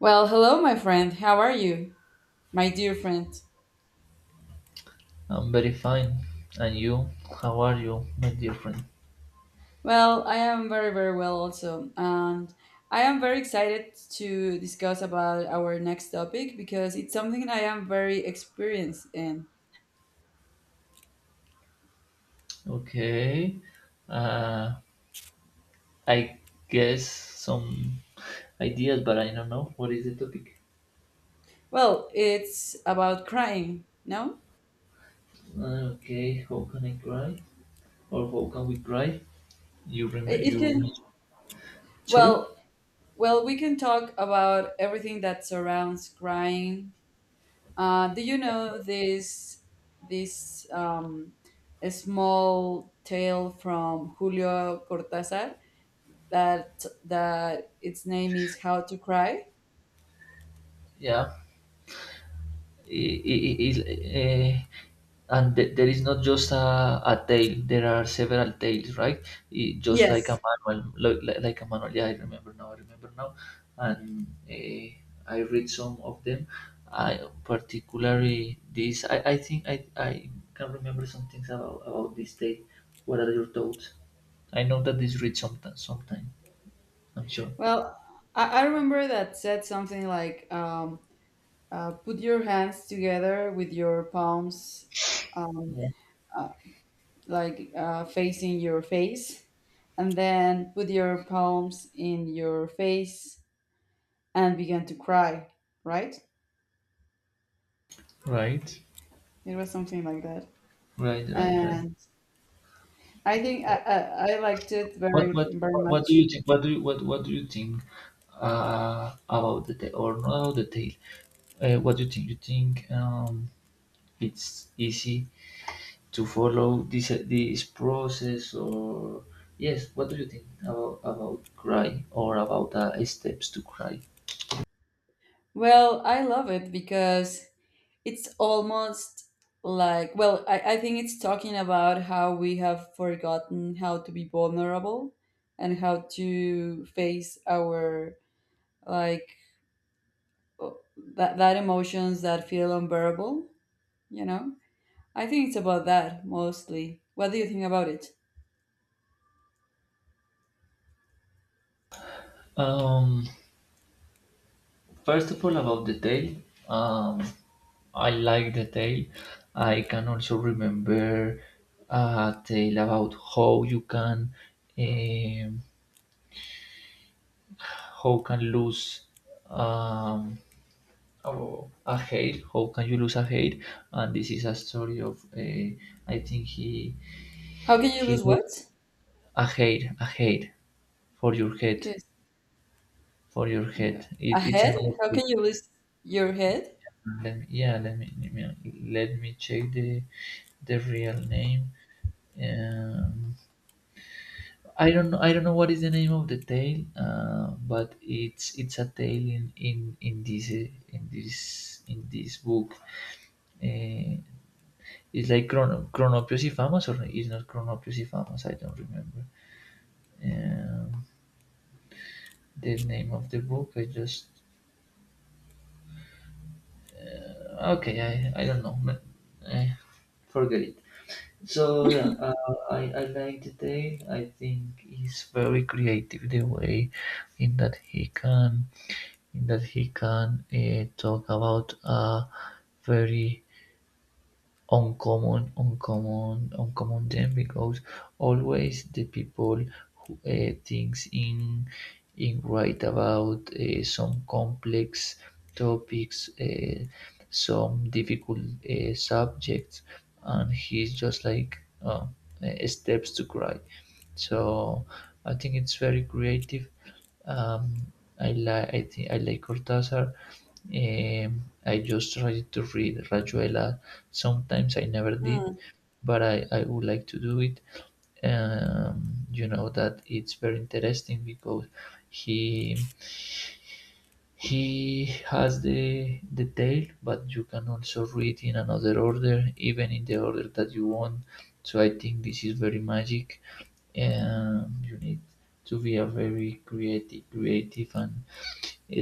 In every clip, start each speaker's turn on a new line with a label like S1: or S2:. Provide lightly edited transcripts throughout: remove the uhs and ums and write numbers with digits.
S1: Well, hello, my friend. How are you, my dear friend?
S2: I'm very fine. And you? How are you, my dear friend?
S1: Well, I am very, very well also, and I am very excited to discuss about our next topic because it's something I am very experienced in.
S2: Okay. Uh, I guess some ideas, but I don't know. What is the topic?
S1: Well, it's about crying. No,
S2: Okay. How can I cry? Or how can we cry? You remember?
S1: it can.
S2: Sorry?
S1: Well, well, we can talk about everything that surrounds crying. Do you know this small tale from Julio Cortázar? That its name is How to Cry.
S2: Yeah. I- I- I- is- eh, And there is not just a tale. There are several tales, right? Just like
S1: Yes.
S2: a manual, like a manual. Yeah, I remember now, I remember now. And I read some of them. I think I can remember some things about this tale. What are your thoughts? I know that this reads sometime, I'm sure.
S1: Well, I remember that said something like, "Put your hands together with your palms, um,
S2: Yeah.
S1: uh, like facing your face, and then put your palms in your face and begin to cry." Right?
S2: Right,
S1: It was something like that,
S2: right, right, right.
S1: and I think I liked it
S2: What
S1: very
S2: what
S1: very
S2: what what do you
S1: much.
S2: think? What do you think about the tail or not about the tail? What do you think? You think it's easy to follow this process or yes? What do you think about cry or about steps to cry?
S1: Well, I love it because it's almost like well I think it's talking about how we have forgotten how to be vulnerable and how to face our like o- that emotions that feel unbearable you know I think it's about that mostly. What do you think about it?
S2: Um, First of all, about the tail. Um, I like the tale. I can also remember a tale about how you can um, how can lose um, oh, a hair? How can you lose a hair? And this is a story of I think
S1: How can you
S2: he
S1: lose what?
S2: lost a hair for your head,
S1: Because a
S2: it's another
S1: head, how
S2: book.
S1: can you lose your head?
S2: Let me, yeah, let me, let me let me check the real name. Um, I don't know. I don't know what is the name of the tale, but it's a tale in this in this book. Uh, it's like Chronopiosifamas or no, it's not Chronopiosifamas, I don't remember. Um, the name of the book, I just, okay, I don't know, but eh, forget it. So yeah, I like the tale. I think he's very creative the way in that he can in that he can talk about a very uncommon then because always the people who thinks in write about some complex topics, some difficult subjects, and he's just like steps to cry. So I think it's very creative. Um, I think I like Cortázar. I just tried to read Rayuela. Sometimes I never did,
S1: Hmm.
S2: but I would like to do it. You know that it's very interesting because he he has the tale, but you can also read in another order, even in the order that you want. So I think this is very magic. You need to be a very creative and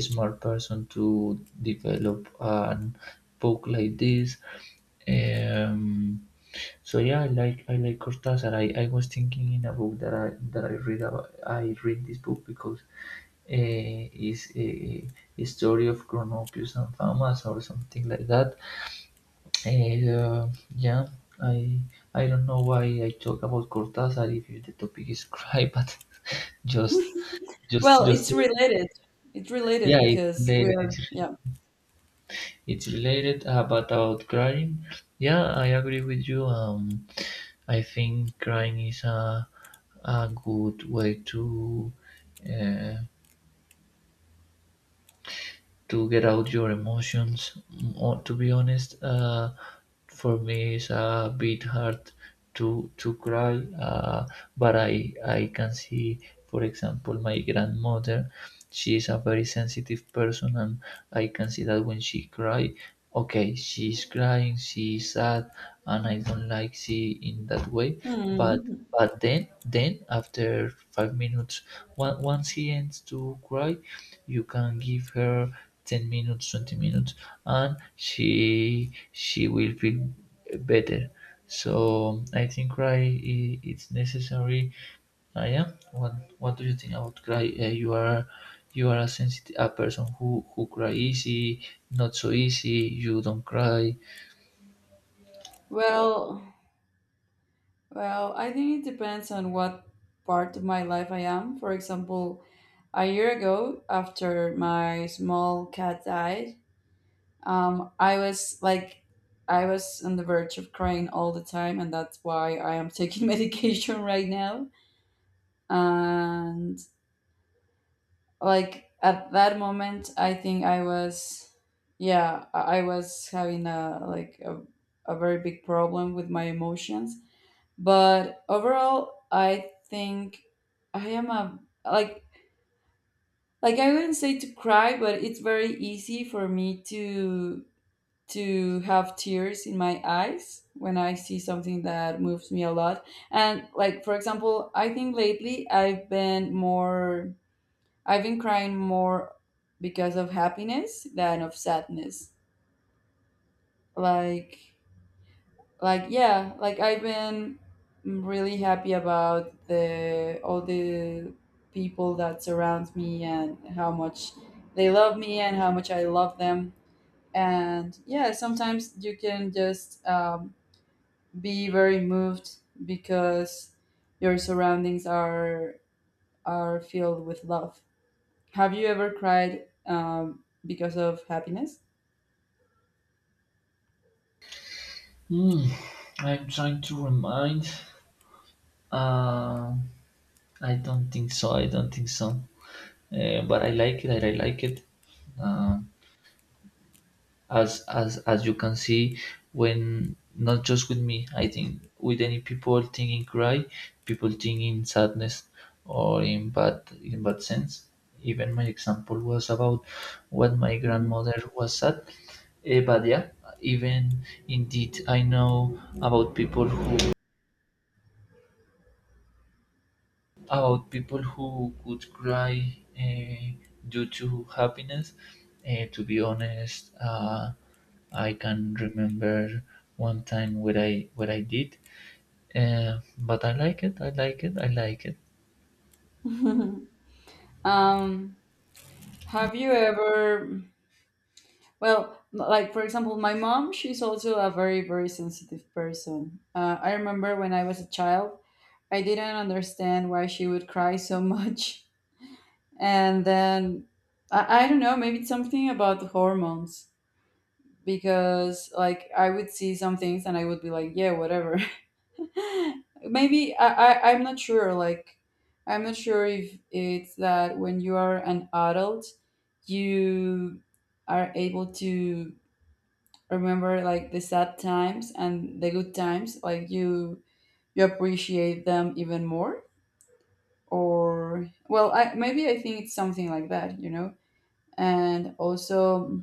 S2: smart person to develop a book like this. Um, so yeah, I like Cortázar. I was thinking in a book that I read about, I read this book because is a story of Cronopius and Famas or something like that. And, yeah, I I don't know why I talk about Cortázar if the topic is cry, but just
S1: Well,
S2: just
S1: it's
S2: say
S1: related. it's related
S2: yeah, it's
S1: because
S2: related.
S1: we're yeah.
S2: It's related about crying. Yeah, I agree with you. I think crying is a good way uh, to get out your emotions. To be honest, for me it's a bit hard to cry, uh, but I can see, for example, my grandmother. She is a very sensitive person, and I can see that when she cry, okay, she's crying, she's sad, and I don't like she in that way. But
S1: Hmm.
S2: but then after 5 minutes, once he ends to cry, you can give her 10 minutes, 20 minutes, and she will feel better. So I think it's necessary. I am. What do you think about cry? You are a sensitive a person who cry easy, not so easy. You don't cry.
S1: well Well, I think it depends on what part of my life I am. For example, a year ago, after my small cat died, I was like, I was on the verge of crying all the time, and that's why I am taking medication right now. And like at that moment, I think I was, yeah, I was having a like a very big problem with my emotions. But overall, I think I am a like like I wouldn't say to cry, but it's very easy for me to have tears in my eyes when I see something that moves me a lot. And like for example, I think lately I've been crying more because of happiness than of sadness. Like like yeah, like I've been really happy about the all the people that surround me and how much they love me and how much I love them. And yeah, sometimes you can just be very moved because your surroundings are filled with love. Have you ever cried because of happiness?
S2: Hmm. I'm trying to remind. Um, I don't think so. I don't think so. But I like it. I like it. Um, as as you can see when not just with me, I think with any people thinking cry, people thinking sadness, or in bad sense, even my example was about what my
S1: Mhm.
S2: grandmother was sad. But yeah, even indeed I know about people who, about people who would cry due to happiness. To be honest, I can remember one time where I what I did, but I like it. I like it. I like it.
S1: um, have you ever Well, like for example, my mom, she's also a very, very sensitive person. I remember when I was a child, I didn't understand why she would cry so much. And then I don't know, maybe it's something about the hormones because like I would see some things and I would be like, yeah, whatever. Maybe I'm not sure. Like, I'm not sure if it's that when you are an adult, you are able to remember like the sad times and the good times, like you appreciate them even more. Or well, I maybe I think it's something like that, you know. And also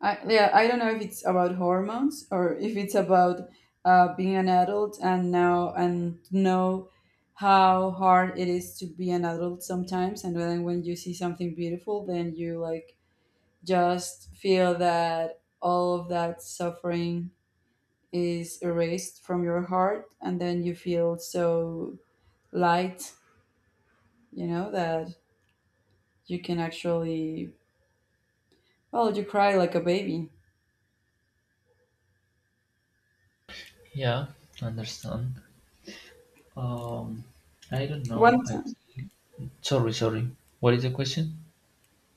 S1: I yeah, I don't know if it's about hormones or if it's about being an adult and now and know how hard it is to be an adult sometimes. And then when you see something beautiful, then you like just feel that all of that suffering is erased from your heart, and then you feel so light, you know, that you can actually well you cry like a baby.
S2: Yeah, understand. Um, I don't know.
S1: One time.
S2: Sorry, sorry. What is the question?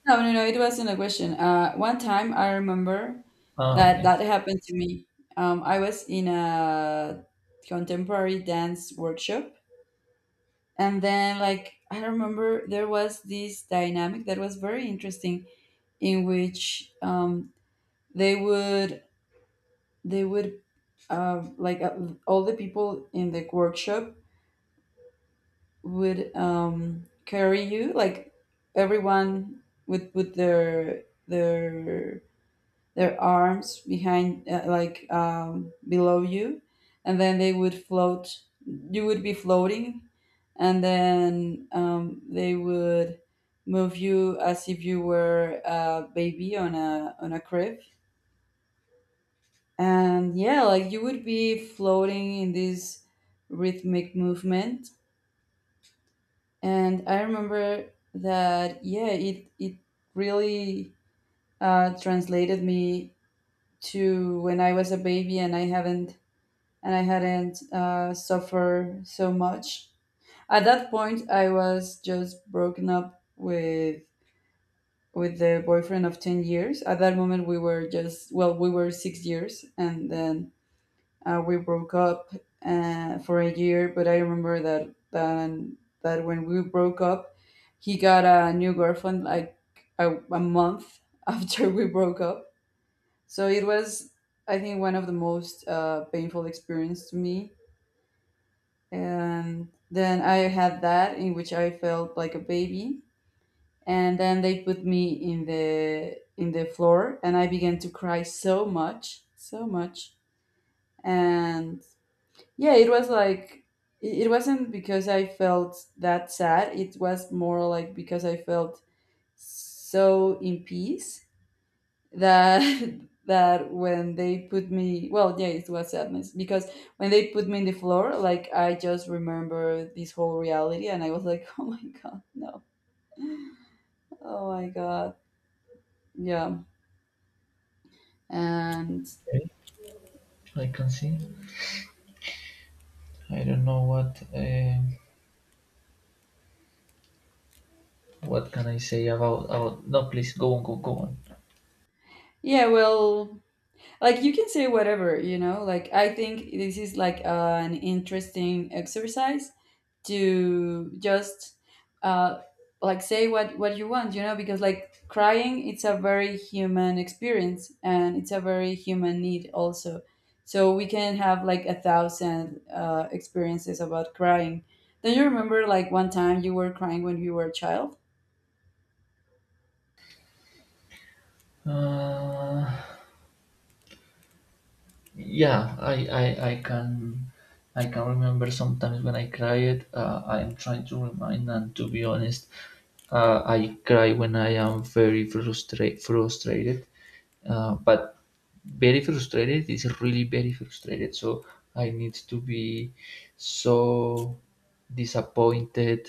S1: No, no, no, it wasn't a question. One time I remember
S2: Ah, okay.
S1: that happened to me. I was in a contemporary dance workshop, and then like I remember there was this dynamic that was very interesting, in which they would they would like all the people in the workshop would carry you like everyone with their arms behind below you. And then they would float. You would be floating. And then they would move you as if you were a baby on a crib. And yeah, like you would be floating in this rhythmic movement. And I remember that yeah, it really translated me to when I was a baby and I haven't and I hadn't suffered so much. At that point I was just broken up with the boyfriend of 10 years. At that moment we were just well we were 6 years, and then we broke up for a year. But I remember that that when we broke up, he got a new girlfriend like a month after we broke up. So it was, I think, one of the most painful experience to me. And then I had that in which I felt like a baby. And then they put me in the floor, and I began to cry so much, so much, and yeah, it was like it wasn't because I felt that sad. It was more like because I felt so in peace that that when they put me, well, yeah, it was sadness because when they put me in the floor, like I just remember this whole reality, and I was like, oh my god, no, oh my god, yeah, and
S2: Okay, I can see. I don't know what can I say about. No, please go on, go on.
S1: yeah, well, like you can say whatever, you know, like I think this is like an interesting exercise to just uh like say what you want, you know, because like crying it's a very human experience and it's a very human need also. So we can have like a thousand experiences about crying. Don't you remember like one time you were crying when you were a child?
S2: Uh, yeah, I can remember sometimes when I cried, I am trying to remind, and to be honest, I cry when I am very frustrated. But very frustrated is really very frustrated, so I need to be so disappointed,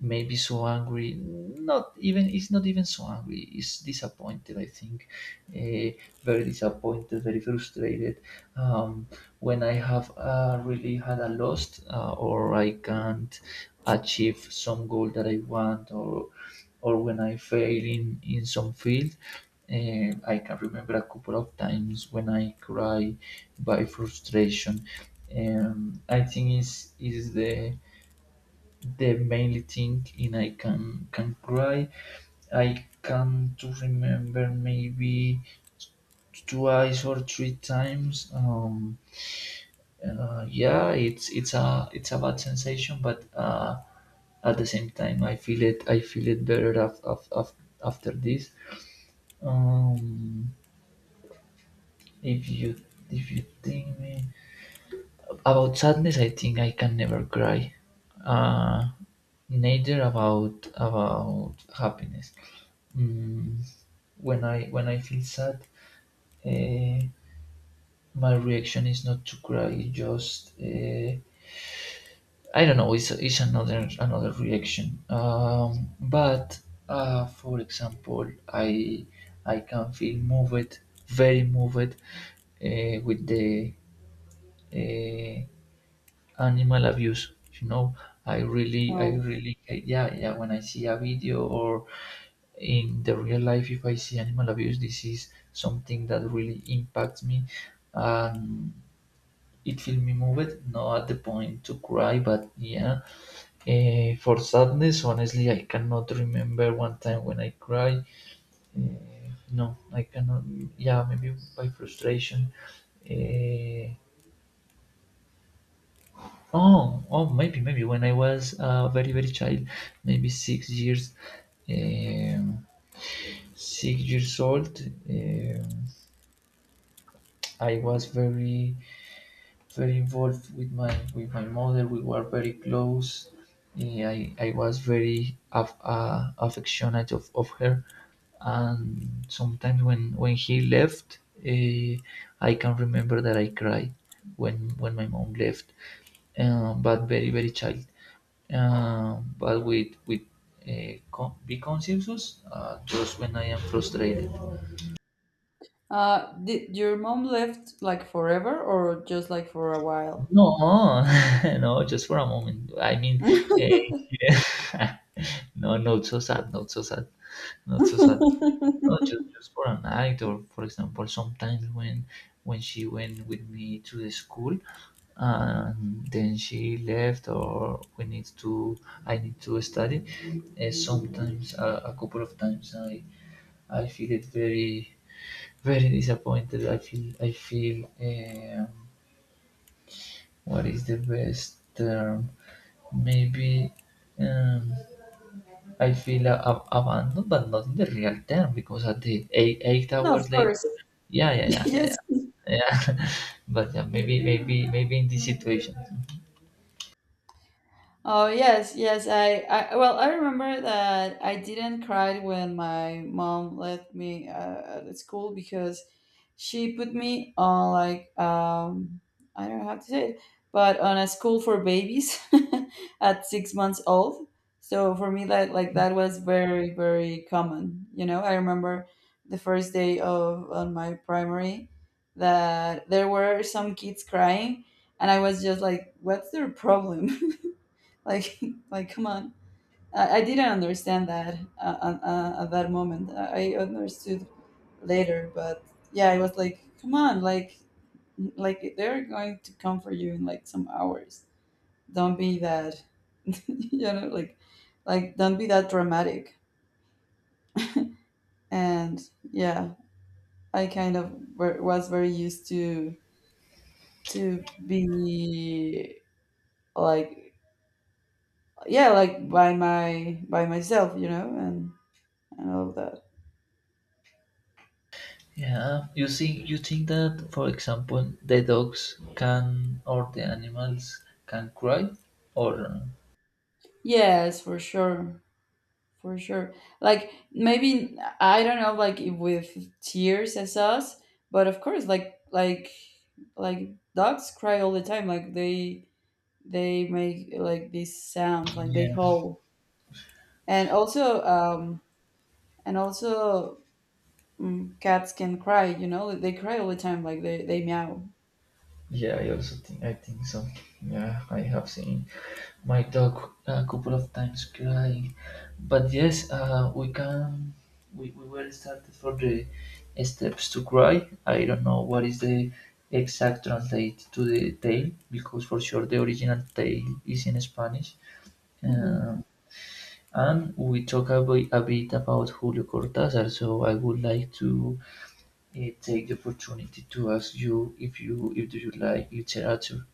S2: maybe so angry, not even, it's not even so angry, it's disappointed, I think. uh, very disappointed, very frustrated. um, when I have really had a loss, or I can't achieve some goal that I want, or when I fail in some field. I can remember a couple of times when I cry by frustration. I think is the mainly thing in I can cry. I can to remember maybe twice or three times. Yeah, it's a bad sensation, but at the same time, I feel it. I feel it better after this. Um, if you if you think me- about sadness, I think I can never cry. Uh, neither about happiness. Mm, when I feel sad, uh, my reaction is not to cry, just. I don't know. It's another reaction. But for example, I can feel moved, very moved, with the uh, animal abuse. You know, I
S1: Oh.
S2: really yeah yeah. When I see a video or in the real life, if I see animal abuse, this is something that really impacts me. Um, it feel me moved, not at the point to cry, but yeah, for sadness, honestly, I cannot remember one time when I cried. No, I cannot. Yeah, maybe by frustration. Eh, oh, maybe, maybe when I was a very, very child, maybe 6 years, um, 6 years old. I was very very involved with my mother. We were very close. I was very affectionate of her, and sometimes when he left, eh, I can remember that I cried when my mom left. But very very child. But with be conscious, just when I am frustrated.
S1: Did your mom left like forever or just like for a while?
S2: No, no, just for a moment. I mean, eh, no, not so sad, not so sad, not so sad. No, just for a night, or for example, sometimes when she went with me to the school, and then she left, or we need to, I need to study. Sometimes, a couple of times, I feel it very very disappointed. I feel I feel. What is the best term? Maybe um, I feel a abandoned, but not in the real term, because at the eight
S1: No, of
S2: hours
S1: course.
S2: later, yeah, yeah, yeah, yeah,
S1: Yes.
S2: yeah, yeah. But yeah, maybe, maybe, maybe in this situation.
S1: Oh yes, yes. I well, I remember that I didn't cry when my mom left me at school because she put me on like I don't know how to say it, but on a school for babies at 6 months old. So for me, that like that was very very common. You know, I remember the first day of on my primary that there were some kids crying, and I was just like, "What's their problem?" Like, like, come on. I didn't understand that at that moment. I understood later, but yeah, I was like, come on, like they're going to come for you in like some hours. Don't be that, you know, like don't be that dramatic. And yeah, I kind of were, was very used to be like, yeah, like by my by myself, you know, and all of that.
S2: Yeah, you think that, for example, the dogs can, or the animals can cry, or
S1: Yes, for sure. For sure. Like maybe I don't know like if with tears as us, but of course like dogs cry all the time. Like they make like these sounds, like they
S2: yeah,
S1: howl. And also and also mm, cats can cry, you know? They cry all the time, like they meow.
S2: yeah, I also think, I think so. Yeah, I have seen my dog a couple of times crying. But yes, we can. We were started for the steps to cry. I don't know what is the exact translate to the tale, because for sure the original tale is in Spanish.
S1: Mhm.
S2: Uh, and we talk a bit about Julio Cortázar, so I would like to take the opportunity to ask you if do you like literature.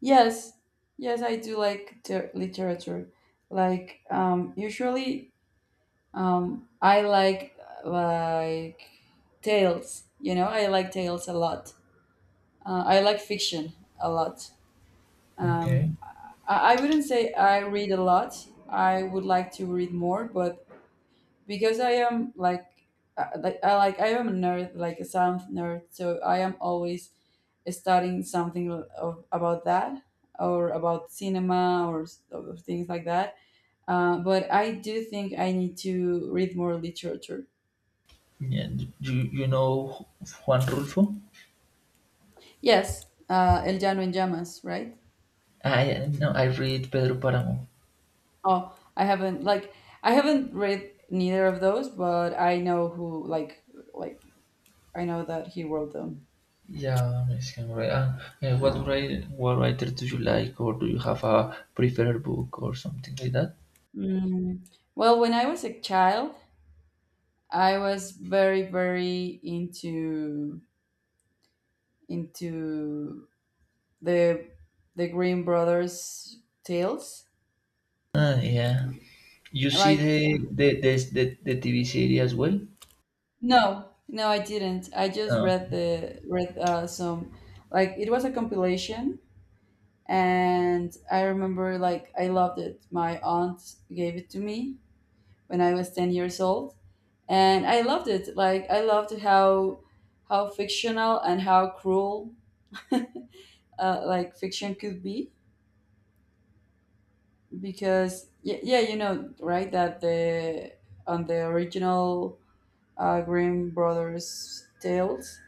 S1: Yes. Yes, I do like literature. Like usually I like tales. You know, I like tales a lot. I like fiction a lot. Um,
S2: Okay.
S1: I wouldn't say I read a lot. I would like to read more, but because I am like I like I am a nerd, like a sound nerd. So I am always studying something of, about that or about cinema or or things like that. But I do think I need to read more literature.
S2: Yeah, do you, you know Juan Rulfo?
S1: Yes, El Llano en Llamas, right?
S2: I no, I read Pedro Páramo.
S1: Oh, I haven't like I haven't read neither of those, but I know who like I know that he wrote them.
S2: Yeah, Mexican writer. What writer do you like, or do you have a preferred book or something like that?
S1: Mm. Well, when I was a child, I was very very into the the Green Brothers tales.
S2: Yeah, you see
S1: Like
S2: the TV series as well.
S1: no, no, I didn't. I just
S2: Uh,
S1: read the read some like it was a compilation, and I remember like I loved it. My aunt gave it to me when I was 10 years old and I loved it. Like I loved how fictional and how cruel uh, like fiction could be because yeah, yeah you know right that the on the original Grimm brothers' tales.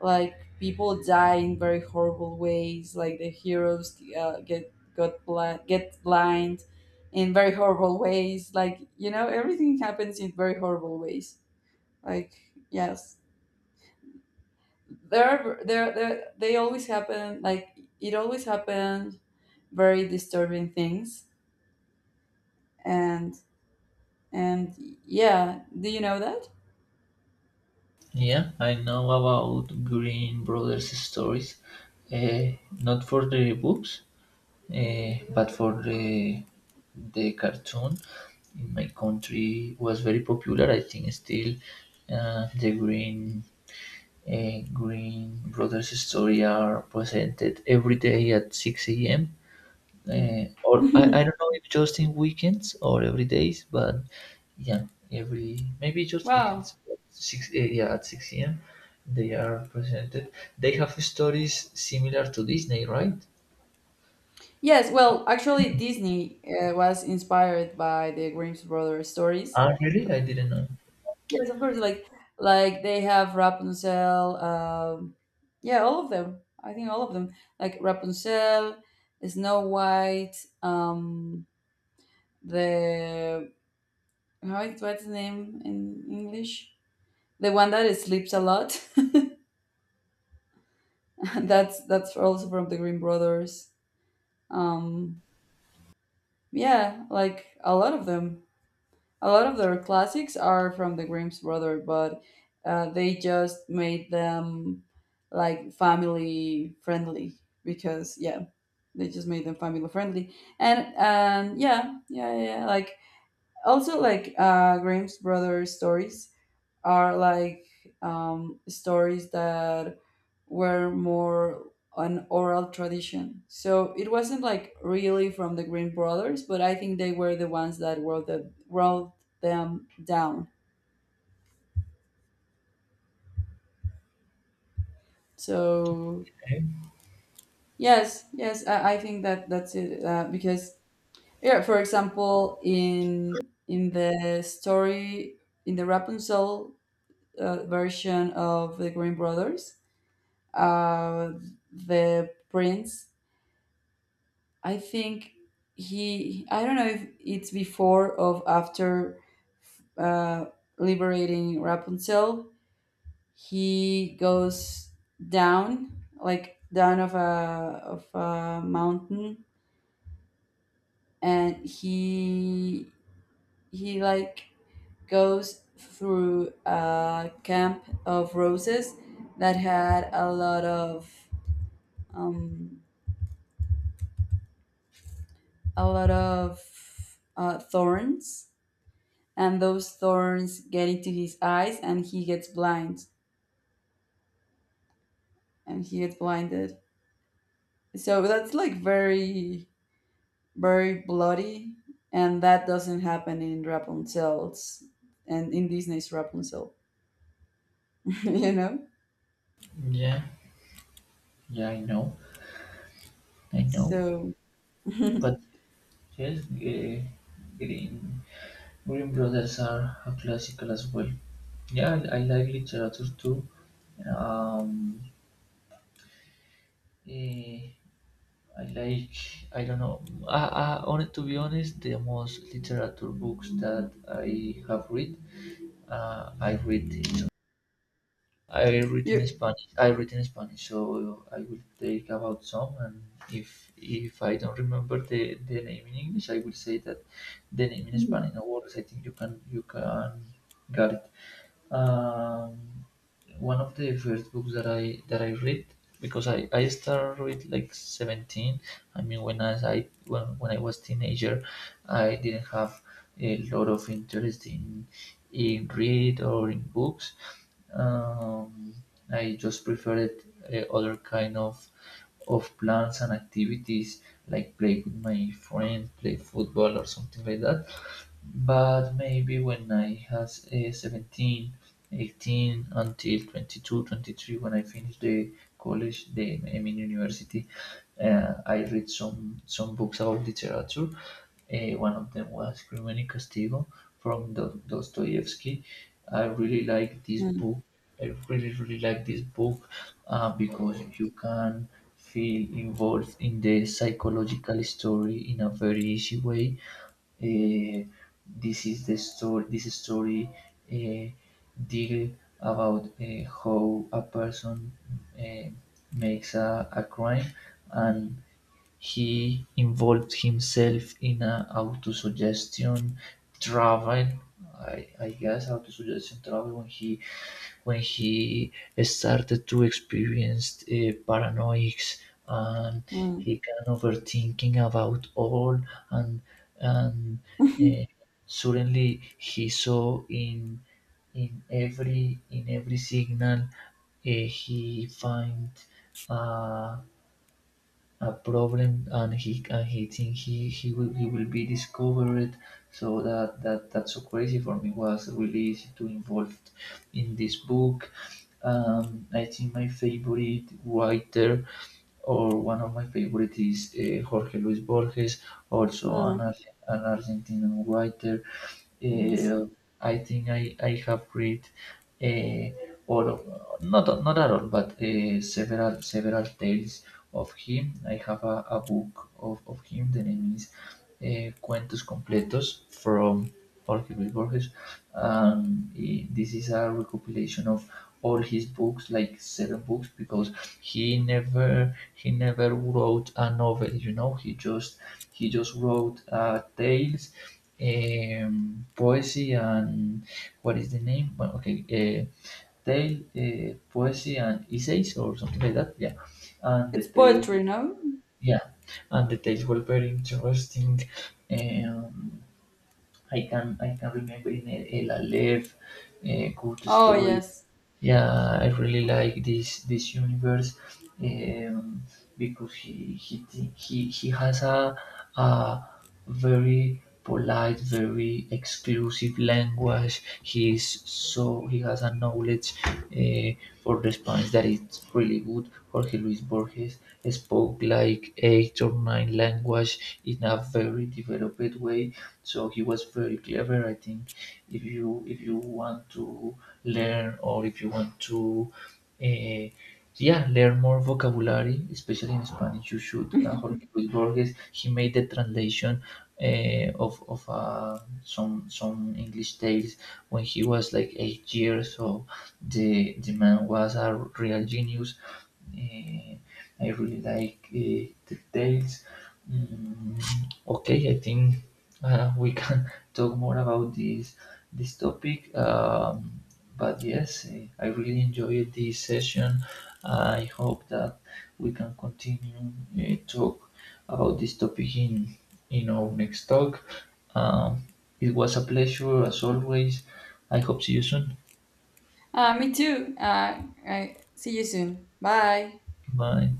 S1: Like people die in very horrible ways. Like the heroes get blind in very horrible ways. Like you know, everything happens in very horrible ways. Like yes, there are there there they always happen. Like it always happened very disturbing things, and and yeah, do you know that?
S2: yeah, I know about Green Brothers stories. Uh, not for the books, but for the cartoon. In my country, was very popular. I think still the Green Green Brothers story are presented every day at 6 a.m.
S1: Mm.
S2: Or I don't know if just in weekends or every days, but yeah, every maybe just weekends.
S1: Wow.
S2: Yeah at 6 a.m. They are presented. They have stories similar to Disney, right?
S1: Yes, well, actually, Disney was inspired by the Grimm's brothers stories.
S2: Ah, really? I didn't know.
S1: Yes, of course, like they have Rapunzel. Yeah, all of them. I think all of them, like Rapunzel, Snow White. Um, the how it, what's the name in English? The one that sleeps a lot. That's also from the Grimm brothers. Um, yeah, like a lot of them. A lot of their classics are from the Grimm's brother, but they just made them like family friendly because yeah, they just made them family friendly. And yeah, yeah, yeah. Yeah, like also like Grimm's brother stories are like stories that were more an oral tradition. So it wasn't like really from the Green Brothers, but I think they were the ones that wrote them down. So
S2: Okay.
S1: yes, yes, I think that that's it because yeah, for example, in the story in the Rapunzel version of the Green Brothers, uh, the prince I think he, I don't know if it's before or after uh, liberating Rapunzel, he goes down, like down of a mountain, and he he like goes through a camp of roses that had a lot of um, thorns, and those thorns get into his eyes and he gets blind and he gets blinded. So that's like very very bloody, and that doesn't happen in rapunzel's and in Disney's Rapunzel. You know?
S2: Yeah, yeah, I know, I know.
S1: So
S2: But yes, Green Green Brothers are a classical as well. Yeah, I like literature too. Um, eh, I like, I don't know. To be honest, the most literature books that I have read, uh, I read in, I read in
S1: you
S2: Spanish. I read in Spanish, so I will take about some. And if I don't remember the name in English, I will say that the name in Spanish.
S1: mm,
S2: No worries. I think you can get it. Um, one of the first books that I read because I started read like 17. I mean, when as I when I was teenager, I didn't have a lot of interest in read or in books. Um, I just preferred other kind of plans and activities like play with my friend, play football or something like that. But maybe when I was 17, 18 until 22, 23 when I finished the college, the I mean university, I read some books about literature. One of them was Crimen y Castigo from Dostoevsky. I really like this book. I really, really like this book because you can feel involved in the psychological story in a very easy way. Uh. This is the story. This story uh, deal about how a person uh, makes a crime and he involved himself in a autosuggestion travel I guess autosuggestion travel when he started to experience paranoics and
S1: mm,
S2: he can overthinking about all and and uh, suddenly he saw in in every signal he find uh, a problem and he think he will be discovered so that's so crazy for me was really easy to involve in this book. I think my favorite writer or one of my favorite is Jorge Luis Borges, also
S1: mm,
S2: An Argentinian writer.
S1: yes.
S2: Uh, I think I have read uh, all of, not at all, but several several tales of him. I have a book of him. The name is Cuentos Completos from particularly Borges. And this is a recopilation of all his books, like seven books, because he never wrote a novel. You know, he just wrote tales, poesy, and what is the name? Well, okay, tale, poesy, and essays, or something like that. Yeah, and
S1: It's poetry, no.
S2: yeah, and the tales were very interesting. Um, I can remember in a La Lève, Good
S1: Oh
S2: Story,
S1: yes.
S2: yeah, I really like this universe um, because he he has a very polite, very exclusive language. He is so he has a knowledge for the Spanish that it's really good. Jorge Luis Borges spoke like 8 or 9 language in a very developed way, so he was very clever. I think if you want to learn or if you want to uh, yeah learn more vocabulary especially in Spanish you should Jorge Luis Borges he made the translation of, of some English tales when he was like 8 years so the man was a real genius. uh, I really like the tales. Mm, okay, I think we can talk more about this this topic. But yes, I really enjoyed this session. I hope that we can continue talk about this topic in our next talk. Um, it was a pleasure as always. I hope see you soon.
S1: Me too. I, see you soon, bye.
S2: Bye.